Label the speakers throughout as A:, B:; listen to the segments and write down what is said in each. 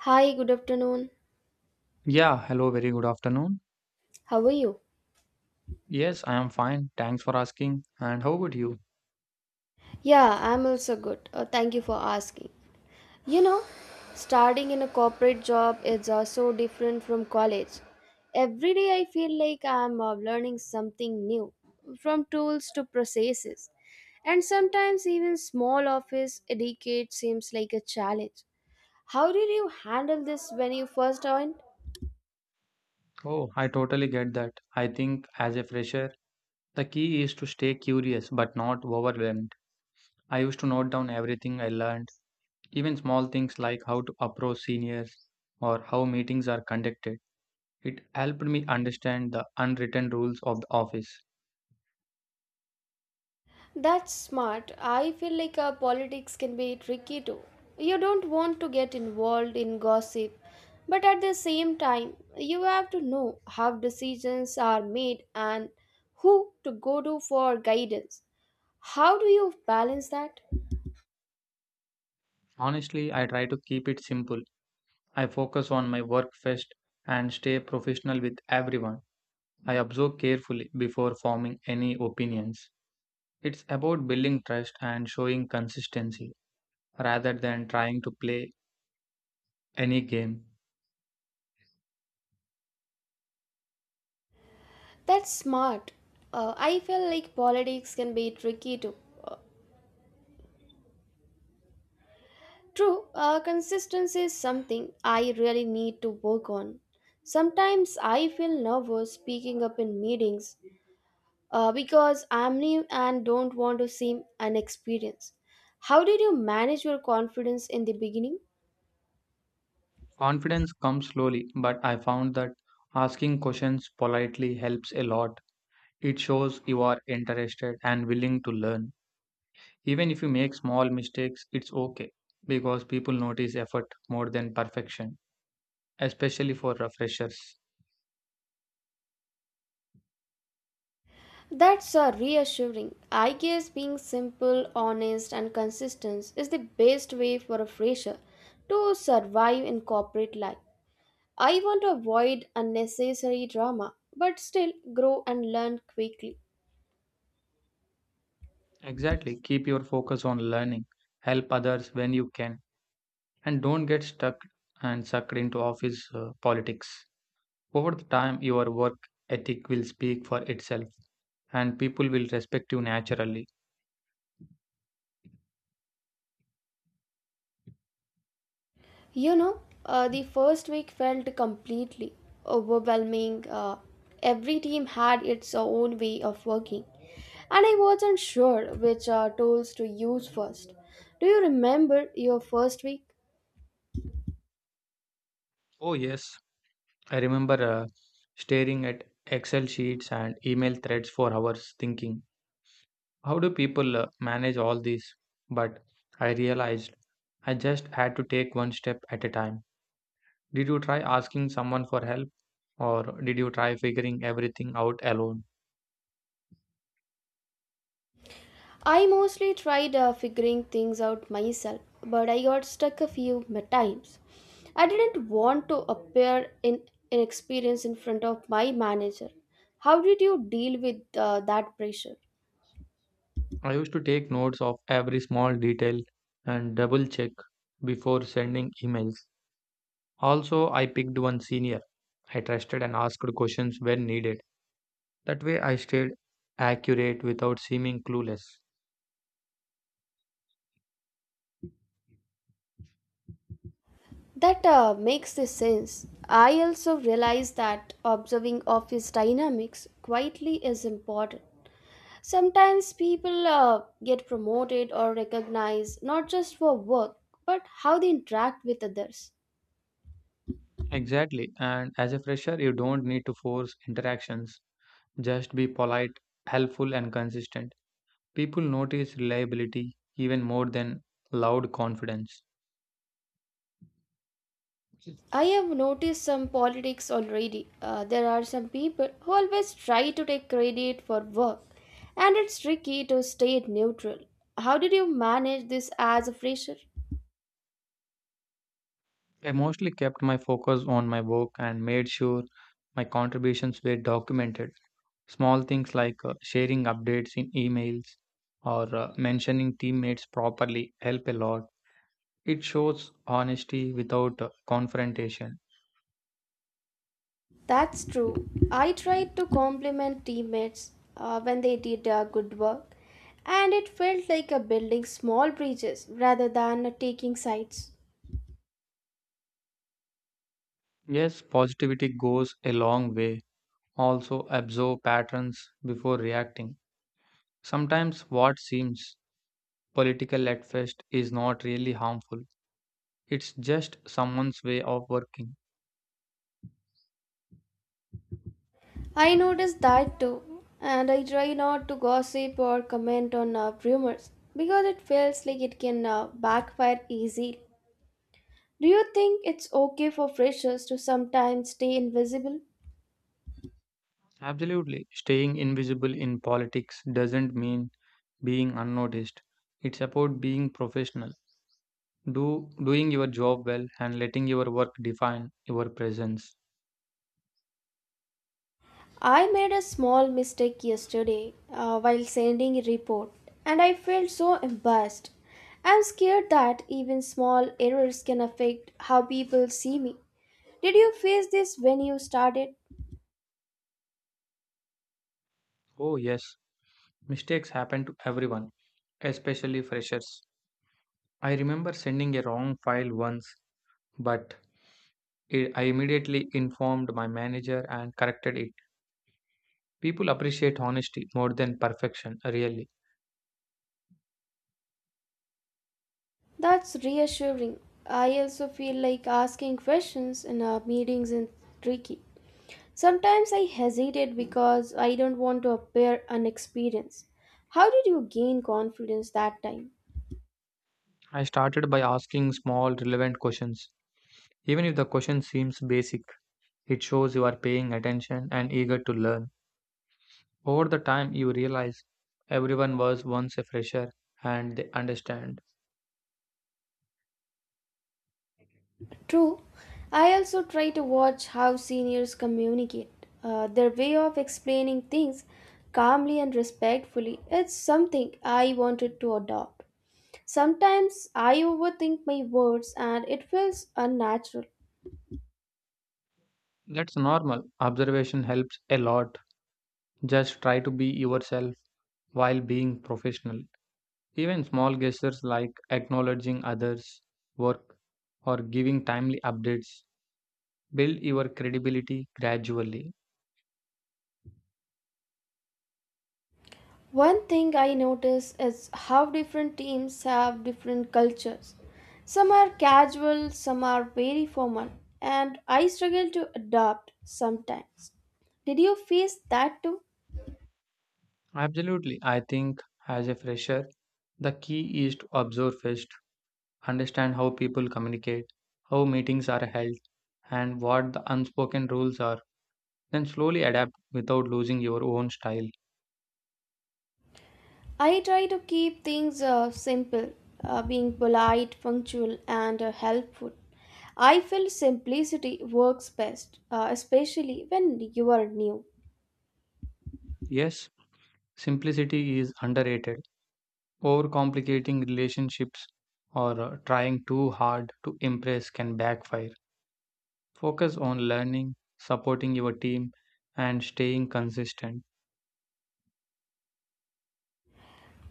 A: Hi, good afternoon.
B: Yeah, hello, very good afternoon.
A: How are you?
B: Yes, I am fine. Thanks for asking. And how about you?
A: Yeah, I'm also good. Thank you for asking. You know, Starting in a corporate job is so different from college. Every day I feel like I'm learning something new, from tools to processes. And sometimes even small office etiquette seems like a challenge. How did you handle this when you first joined?
B: Oh, I totally get that. I think as a fresher, the key is to stay curious but not overwhelmed. I used to note down everything I learned, even small things like how to approach seniors or how meetings are conducted. It helped me understand the unwritten rules of the office.
A: That's smart. I feel like politics can be tricky too. You don't want to get involved in gossip, but at the same time, you have to know how decisions are made and who to go to for guidance. How do you balance that?
B: Honestly, I try to keep it simple. I focus on my work first and stay professional with everyone. I observe carefully before forming any opinions. It's about building trust and showing consistency rather than trying to play any game.
A: That's smart. I feel like politics can be tricky too. Uh, true, consistency is something I really need to work on. Sometimes I feel nervous speaking up in meetings because I'm new and don't want to seem inexperienced. How did you manage your confidence in the beginning?
B: Confidence comes slowly, but I found that asking questions politely helps a lot. It shows you are interested and willing to learn. Even if you make small mistakes, it's okay because people notice effort more than perfection, especially for freshers.
A: That's reassuring. I guess being simple, honest, and consistent is the best way for a fresher to survive in corporate life. I want to avoid unnecessary drama, but still grow and learn quickly.
B: Exactly, keep your focus on learning, help others when you can and don't get stuck and sucked into office politics. Over the time, your work ethic will speak for itself and people will respect you naturally.
A: You know, the first week felt completely overwhelming. Every team had its own way of working, and I wasn't sure which tools to use first. Do you remember your first week?
B: Oh, yes, I remember staring at Excel sheets and email threads for hours thinking, how do people manage all this? But I realized I just had to take one step at a time. Did you try asking someone for help or did you try figuring everything out alone?
A: I mostly tried figuring things out myself, but I got stuck a few times. I didn't want to appear in inexperienced in front of my manager. How did you deal with that pressure?
B: I used to take notes of every small detail and double check before sending emails. Also, I picked one senior I trusted and asked questions when needed. That way, I stayed accurate without seeming clueless.
A: That makes the sense. I also realize that observing office dynamics quietly is important. Sometimes people get promoted or recognized not just for work but how they interact with others.
B: Exactly, and as a fresher, you don't need to force interactions. Just be polite, helpful, and consistent. People notice reliability even more than loud confidence.
A: I have noticed some politics already. There are some people who always try to take credit for work, and it's tricky to stay neutral. How did you manage this as a fresher?
B: I mostly kept my focus on my work and made sure my contributions were documented. Small things like sharing updates in emails or mentioning teammates properly help a lot. It shows honesty without confrontation.
A: That's true. I tried to compliment teammates when they did good work, and it felt like a building small bridges rather than taking sides.
B: Yes, positivity goes a long way. Also, observe patterns before reacting. Sometimes what seems political at first is not really harmful, it's just someone's way of working.
A: I noticed that too, and I try not to gossip or comment on rumors because it feels like it can backfire easily. Do you think it's okay for freshers to sometimes stay invisible?
B: Absolutely. Staying invisible in politics doesn't mean being unnoticed. It's about being professional. Do doing your job well and letting your work define your presence.
A: I made a small mistake yesterday while sending a report and I felt so embarrassed. I'm scared that even small errors can affect how people see me. Did you face this when you started?
B: Oh yes, mistakes happen to everyone, especially freshers. I remember sending a wrong file once, but I immediately informed my manager and corrected it. People appreciate honesty more than perfection, really.
A: That's reassuring. I also feel like asking questions in meetings is tricky. Sometimes I hesitate because I don't want to appear inexperienced. How did you gain confidence that time?
B: I started by asking small relevant questions. Even if the question seems basic, it shows you are paying attention and eager to learn. Over the time, you realize everyone was once a fresher and they understand.
A: True. I also try to watch how seniors communicate. Their way of explaining things calmly and respectfully, it's something I wanted to adopt. Sometimes I overthink my words and it feels unnatural.
B: That's normal. Observation helps a lot. Just try to be yourself while being professional. Even small gestures like acknowledging others' work or giving timely updates build your credibility gradually.
A: One thing I notice is how different teams have different cultures. Some are casual, some are very formal, and I struggle to adapt sometimes. Did you face that too?
B: Absolutely. I think as a fresher, the key is to observe first, understand how people communicate, how meetings are held, and what the unspoken rules are. Then slowly adapt without losing your own style.
A: I try to keep things simple, being polite, punctual, and helpful. I feel simplicity works best, especially when you are new.
B: Yes, simplicity is underrated. Overcomplicating relationships or trying too hard to impress can backfire. Focus on learning, supporting your team, and staying consistent.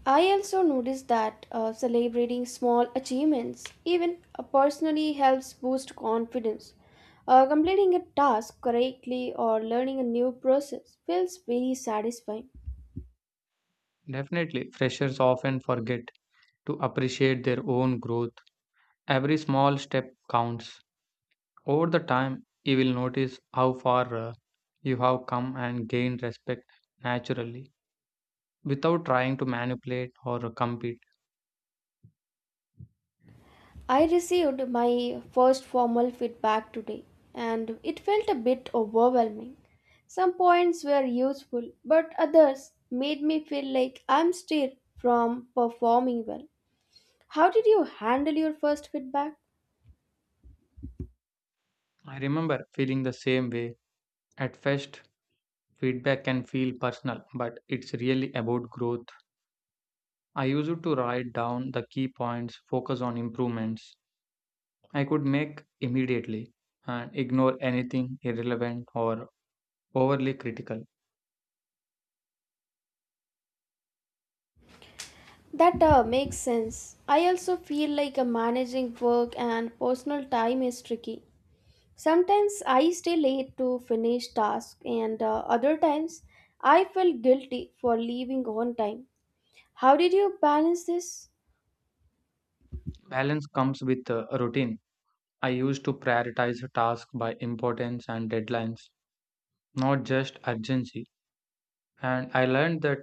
A: I also notice that celebrating small achievements, even personally, helps boost confidence. Completing a task correctly or learning a new process feels very satisfying.
B: Definitely, freshers often forget to appreciate their own growth. Every small step counts. Over the time, you will notice how far you have come and gained respect naturally without trying to manipulate or compete.
A: I received my first formal feedback today and it felt a bit overwhelming. Some points were useful, but others made me feel like I'm still from performing well. How did you handle your first feedback?
B: I remember feeling the same way. At first, feedback can feel personal, but it's really about growth. I used to write down the key points, focus on improvements I could make immediately, and ignore anything irrelevant or overly critical.
A: That makes sense. I also feel like managing work and personal time is tricky. Sometimes I stay late to finish tasks, and other times I feel guilty for leaving on time. How did you balance this?
B: Balance comes with routine. I used to prioritize tasks by importance and deadlines, not just urgency. And I learned that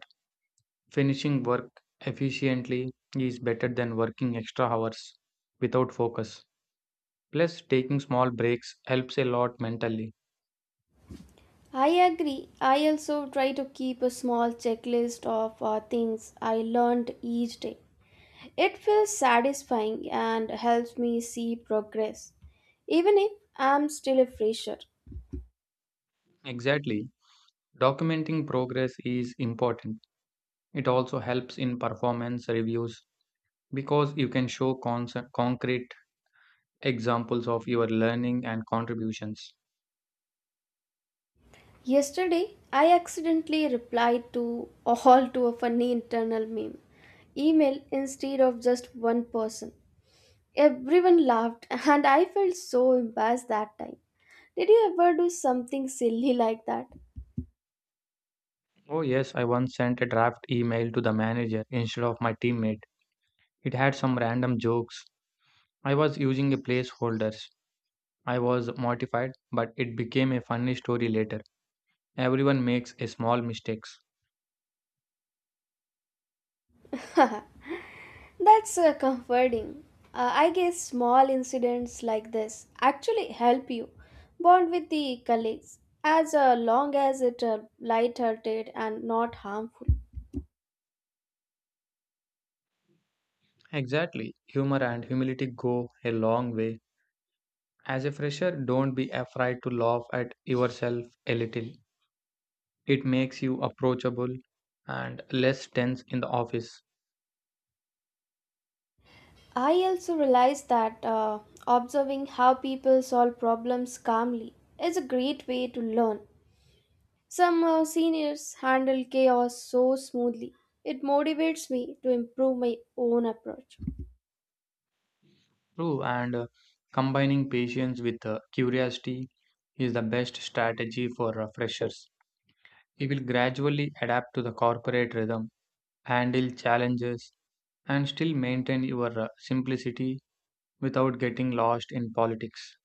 B: finishing work efficiently is better than working extra hours without focus. Plus, taking small breaks helps a lot mentally.
A: I agree. I also try to keep a small checklist of things I learned each day. It feels satisfying and helps me see progress, even if I'm still a fresher.
B: Exactly. Documenting progress is important. It also helps in performance reviews because you can show concrete examples of your learning and contributions.
A: Yesterday, I accidentally replied to all to a funny internal meme email instead of just one person. Everyone laughed, and I felt so embarrassed that time. Did you ever do something silly like that?
B: Oh, yes, I once sent a draft email to the manager instead of my teammate. It had some random jokes. I was using a placeholders. I was mortified, but it became a funny story later. Everyone makes a small mistakes.
A: That's comforting. I guess small incidents like this actually help you bond with the colleagues as long as it light-hearted and not harmful.
B: Exactly. Humor and humility go a long way. As a fresher, don't be afraid to laugh at yourself a little. It makes you approachable and less tense in the office.
A: I also realize that observing how people solve problems calmly is a great way to learn. Some seniors handle chaos so smoothly. It motivates me to improve my own approach.
B: True, and combining patience with curiosity is the best strategy for freshers. You will gradually adapt to the corporate rhythm, handle challenges, and still maintain your simplicity without getting lost in politics.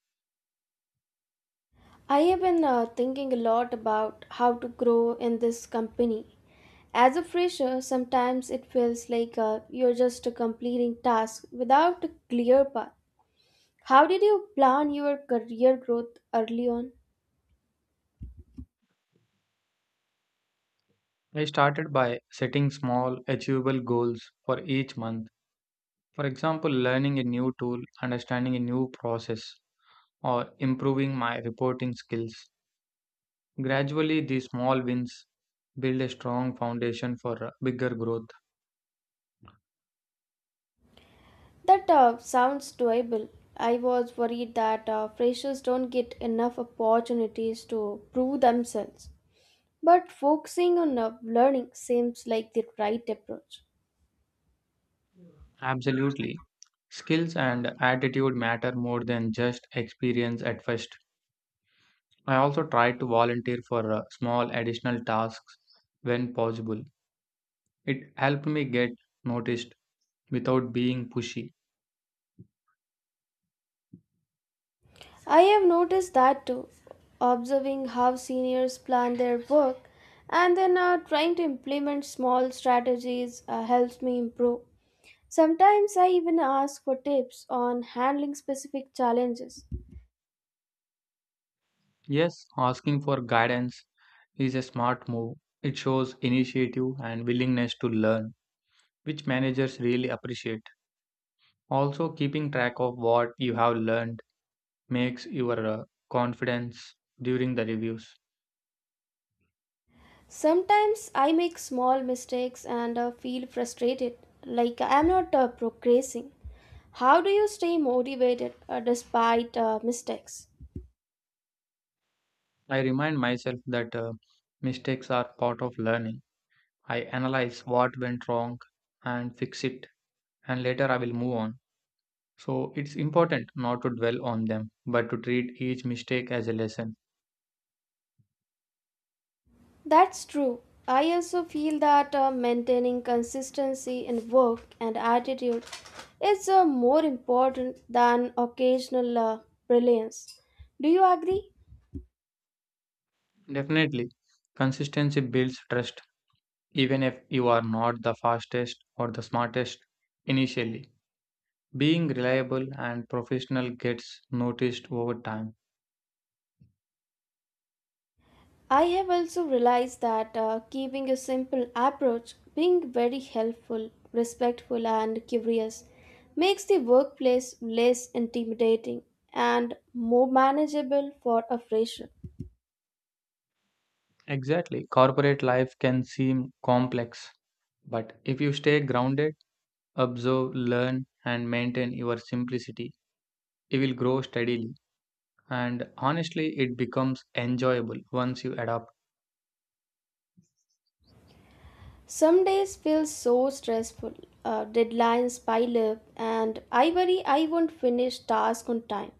A: I have been thinking a lot about how to grow in this company. As a fresher, sometimes it feels like you're just completing tasks without a clear path. How did you plan your career growth early on?
B: I started by setting small, achievable goals for each month. For example, learning a new tool, understanding a new process, or improving my reporting skills. Gradually, these small wins build a strong foundation for bigger growth.
A: That sounds doable. I was worried that freshers don't get enough opportunities to prove themselves. But focusing on learning seems like the right approach.
B: Absolutely. Skills and attitude matter more than just experience at first. I also try to volunteer for small additional tasks when possible. It helped me get noticed without being pushy.
A: I have noticed that too, observing how seniors plan their work and then trying to implement small strategies helps me improve. Sometimes I even ask for tips on handling specific challenges.
B: Yes, asking for guidance is a smart move. It shows initiative and willingness to learn, which managers really appreciate. Also, keeping track of what you have learned makes your confidence during the reviews.
A: Sometimes I make small mistakes and feel frustrated, like I'm not progressing. How do you stay motivated despite mistakes?
B: I remind myself that mistakes are part of learning. I analyze what went wrong and fix it, and later I will move on. So it's important not to dwell on them, but to treat each mistake as a lesson.
A: That's true. I also feel that maintaining consistency in work and attitude is more important than occasional brilliance. Do you agree?
B: Definitely, consistency builds trust, even if you are not the fastest or the smartest initially. Being reliable and professional gets noticed over time.
A: I have also realized that keeping a simple approach, being very helpful, respectful, and curious makes the workplace less intimidating and more manageable for a fresher.
B: Exactly. Corporate life can seem complex, but if you stay grounded, observe, learn, and maintain your simplicity, you will grow steadily. And honestly, it becomes enjoyable once you adapt.
A: Some days feel so stressful, deadlines pile up, and I worry I won't finish task on time.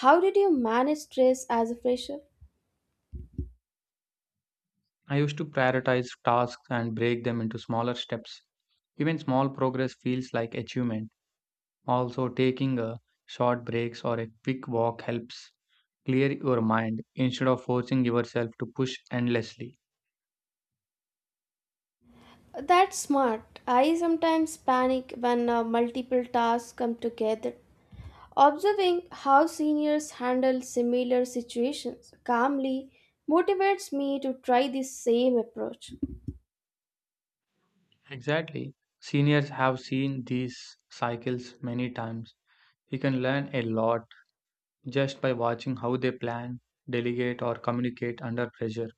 A: How did you manage stress as a fresher?
B: I used to prioritize tasks and break them into smaller steps. Even small progress feels like achievement. Also, taking a short breaks or a quick walk helps clear your mind instead of forcing yourself to push endlessly.
A: That's smart. I sometimes panic when multiple tasks come together. Observing how seniors handle similar situations calmly motivates me to try the same approach.
B: Exactly. Seniors have seen these cycles many times. You can learn a lot just by watching how they plan, delegate, or communicate under pressure.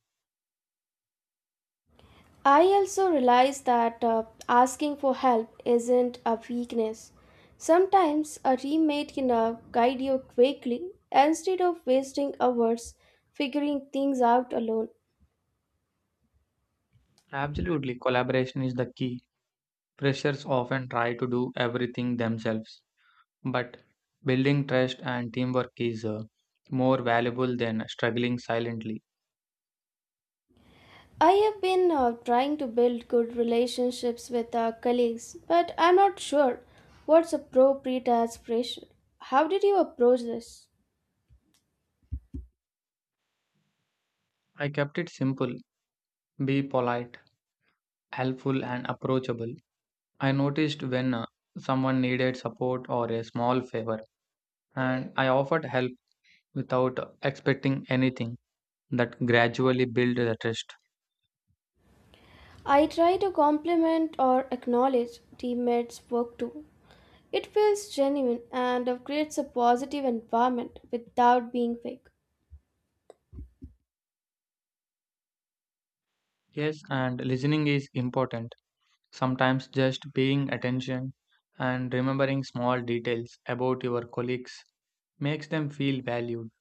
A: I also realize that asking for help isn't a weakness. Sometimes a teammate can guide you quickly instead of wasting hours figuring things out alone.
B: Absolutely, collaboration is the key. Freshers often try to do everything themselves, but building trust and teamwork is more valuable than struggling silently.
A: I have been trying to build good relationships with our colleagues, but I'm not sure what's appropriate as pressure. How did you approach this?
B: I kept it simple, be polite, helpful, and approachable. I noticed when someone needed support or a small favor, and I offered help without expecting anything. That gradually built the trust.
A: I try to compliment or acknowledge teammates' work too. It feels genuine and creates a positive environment without being fake.
B: Yes, and listening is important. Sometimes just paying attention and remembering small details about your colleagues makes them feel valued.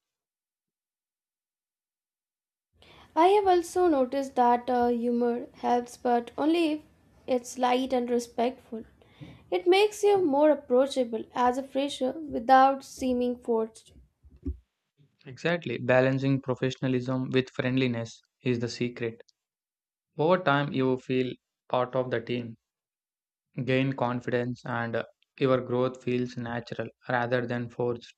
A: I have also noticed that humor helps, but only if it's light and respectful. It makes you more approachable as a fresher without seeming forced.
B: Exactly, balancing professionalism with friendliness is the secret. Over time, you feel part of the team, gain confidence, and your growth feels natural rather than forced.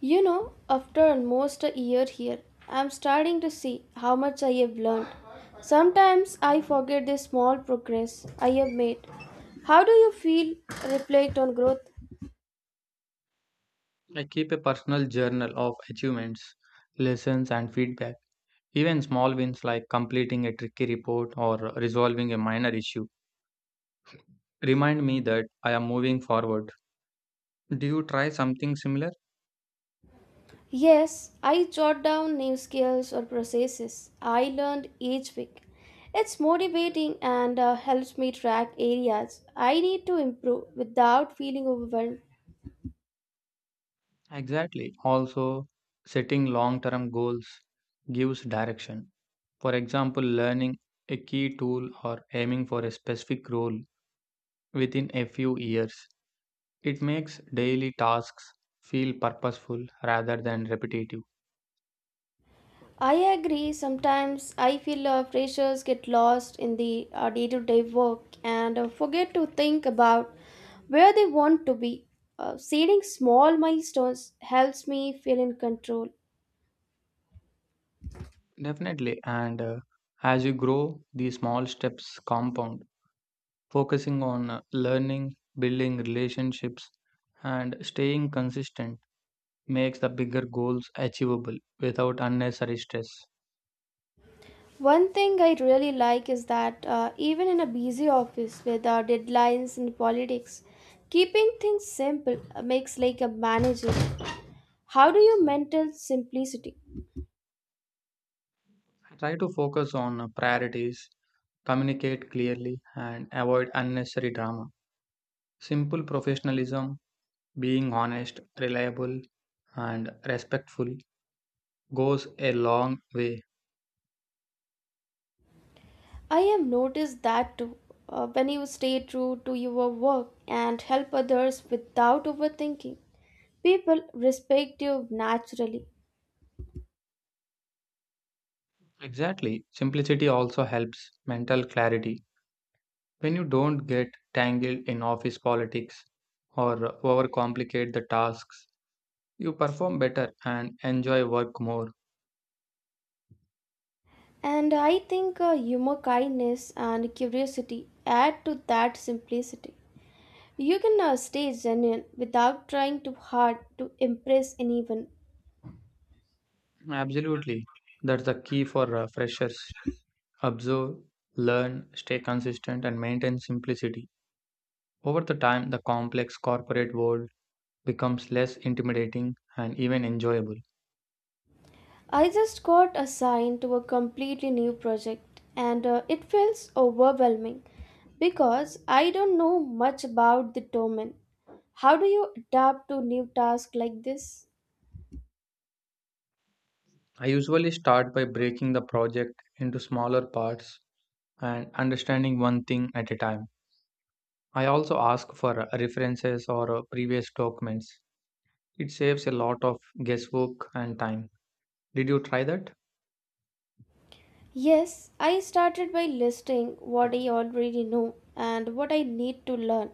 A: You know, after almost a year here, I'm starting to see how much I have learned. Sometimes I forget the small progress I have made. How do you feel? Reflect on growth.
B: I keep a personal journal of achievements, lessons, and feedback. Even small wins like completing a tricky report or resolving a minor issue remind me that I am moving forward. Do you try something similar?
A: Yes, I jot down new skills or processes I learned each week. It's motivating and helps me track areas I need to improve without feeling overwhelmed.
B: Exactly. Also, setting long term goals gives direction. For example, learning a key tool or aiming for a specific role within a few years. It makes daily tasks feel purposeful rather than repetitive.
A: I agree, sometimes I feel freshers get lost in the day to day work and forget to think about where they want to be. Setting small milestones helps me feel in control.
B: Definitely. And as you grow, these small steps compound. Focusing on learning, building relationships, and staying consistent makes the bigger goals achievable without unnecessary stress.
A: One thing I really like is that even in a busy office with our deadlines and politics, keeping things simple makes like a manager. How do you maintain simplicity?
B: Try to focus on priorities, communicate clearly, and avoid unnecessary drama. Simple professionalism, being honest, reliable, and respectful goes a long way.
A: I have noticed that too. When you stay true to your work and help others without overthinking, people respect you naturally.
B: Exactly. Simplicity also helps mental clarity. When you don't get tangled in office politics or overcomplicate the tasks, you perform better and enjoy work more.
A: And I think humor, kindness, and curiosity add to that simplicity. You can now stay genuine without trying too hard to impress anyone.
B: Absolutely. That's the key for freshers. Observe, learn, stay consistent, and maintain simplicity. Over the time, the complex corporate world becomes less intimidating and even enjoyable.
A: I just got assigned to a completely new project and it feels overwhelming because I don't know much about the domain. How do you adapt to new tasks like this?
B: I usually start by breaking the project into smaller parts and understanding one thing at a time. I also ask for references or previous documents. It saves a lot of guesswork and time. Did you try that?
A: Yes, I started by listing what I already know and what I need to learn.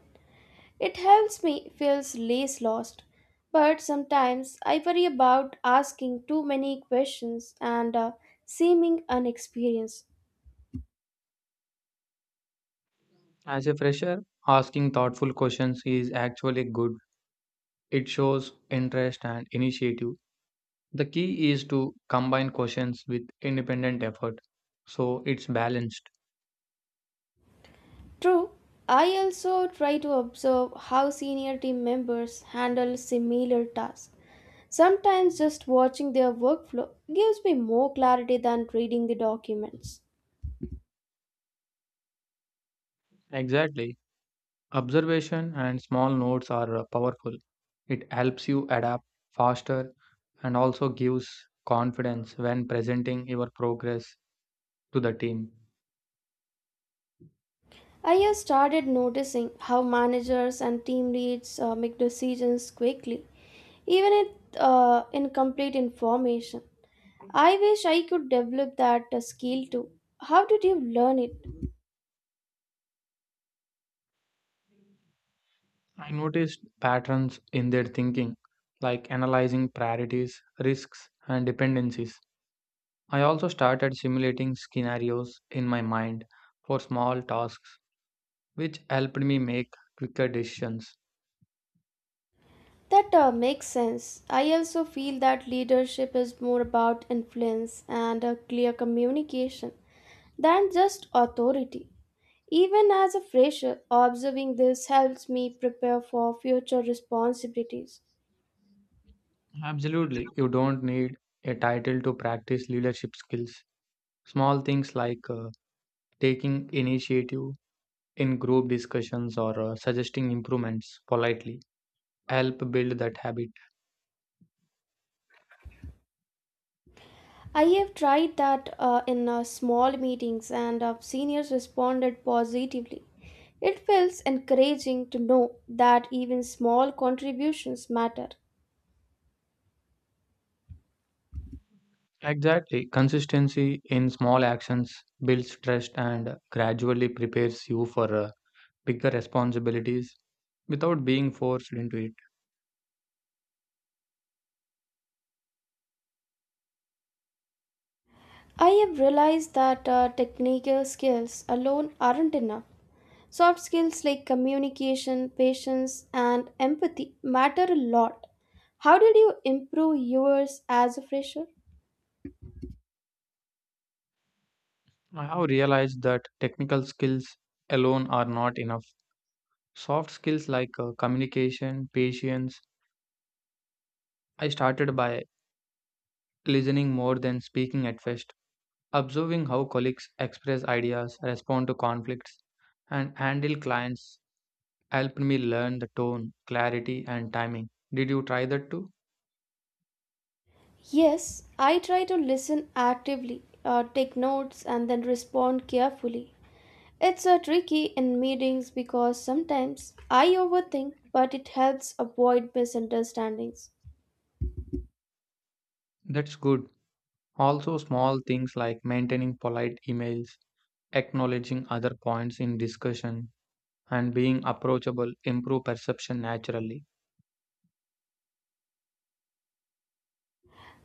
A: It helps me feel less lost, but sometimes I worry about asking too many questions and seeming unexperienced.
B: As a fresher, asking thoughtful questions is actually good. It shows interest and initiative. The key is to combine questions with independent effort so it's balanced.
A: True, I also try to observe how senior team members handle similar tasks. Sometimes just watching their workflow gives me more clarity than reading the documents.
B: Exactly. Observation and small notes are powerful. It helps you adapt faster and also gives confidence when presenting your progress to the team.
A: I have started noticing how managers and team leads make decisions quickly, even with incomplete information. I wish I could develop that skill too. How did you learn it?
B: I noticed patterns in their thinking, like analyzing priorities, risks, and dependencies. I also started simulating scenarios in my mind for small tasks, which helped me make quicker decisions.
A: That makes sense. I also feel that leadership is more about influence and clear communication than just authority. Even as a fresher, observing this helps me prepare for future responsibilities.
B: Absolutely, you don't need a title to practice leadership skills. Small things like taking initiative in group discussions or suggesting improvements politely help build that habit.
A: I have tried that in small meetings, and seniors responded positively. It feels encouraging to know that even small contributions matter.
B: Exactly. Consistency in small actions builds trust and gradually prepares you for bigger responsibilities without being forced into it.
A: I have realized that technical skills alone aren't enough. Soft skills like communication, patience, and empathy matter a lot. How did you improve yours as a fresher?
B: I have realized that technical skills alone are not enough. Soft skills like communication, patience. I started by listening more than speaking at first, observing how colleagues express ideas, respond to conflicts, and handle clients helped me learn the tone, clarity, and timing. Did you try that too?
A: Yes, I try to listen actively, take notes, and then respond carefully. It's a tricky in meetings because sometimes I overthink, but it helps avoid misunderstandings.
B: That's good. Also, small things like maintaining polite emails, acknowledging other points in discussion, and being approachable improve perception naturally.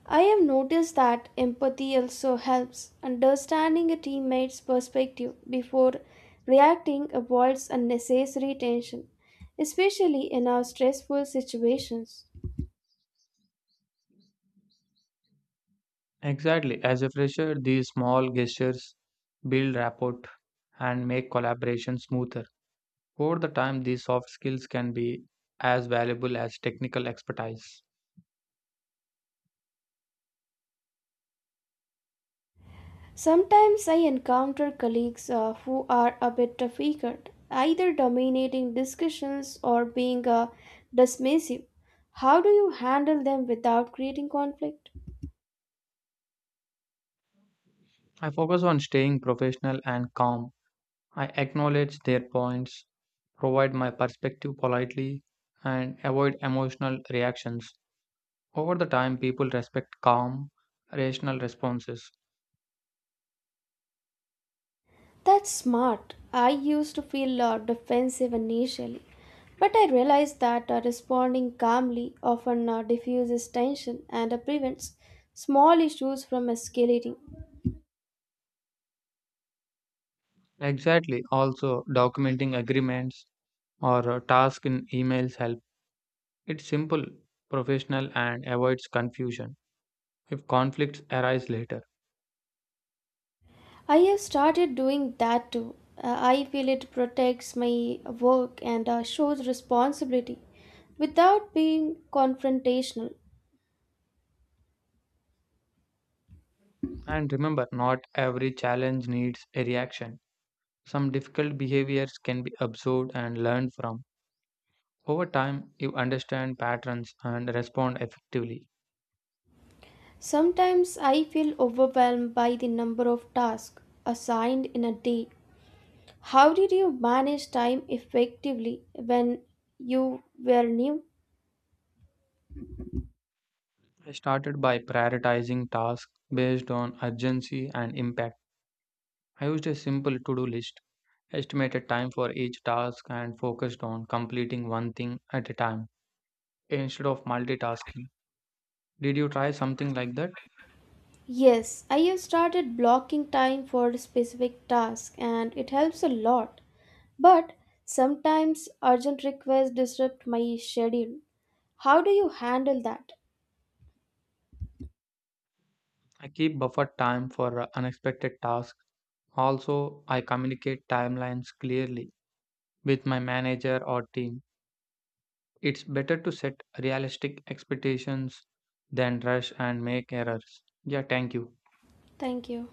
A: I have noticed that empathy also helps. Understanding a teammate's perspective before reacting avoids unnecessary tension, especially in our stressful situations.
B: Exactly. As a fresher, these small gestures build rapport and make collaboration smoother. Over the time, these soft skills can be as valuable as technical expertise.
A: Sometimes I encounter colleagues who are a bit difficult, either dominating discussions or being dismissive. How do you handle them without creating conflict?
B: I focus on staying professional and calm. I acknowledge their points, provide my perspective politely, and avoid emotional reactions. Over the time, people respect calm, rational responses.
A: That's smart. I used to feel defensive initially, but I realized that responding calmly often diffuses tension and prevents small issues from escalating.
B: Exactly. Also, documenting agreements or tasks in emails help. It's simple, professional, and avoids confusion if conflicts arise later.
A: I have started doing that too. I feel it protects my work and shows responsibility without being confrontational.
B: And remember, not every challenge needs a reaction. Some difficult behaviors can be observed and learned from. Over time, you understand patterns and respond effectively.
A: Sometimes I feel overwhelmed by the number of tasks assigned in a day. How did you manage time effectively when you were new?
B: I started by prioritizing tasks based on urgency and impact. I used a simple to do list, estimated time for each task, and focused on completing one thing at a time instead of multitasking. Did you try something like that?
A: Yes, I have started blocking time for specific tasks and it helps a lot. But sometimes urgent requests disrupt my schedule. How do you handle that?
B: I keep buffer time for unexpected tasks. Also, I communicate timelines clearly with my manager or team. It's better to set realistic expectations than rush and make errors. Yeah, thank you.
A: Thank you.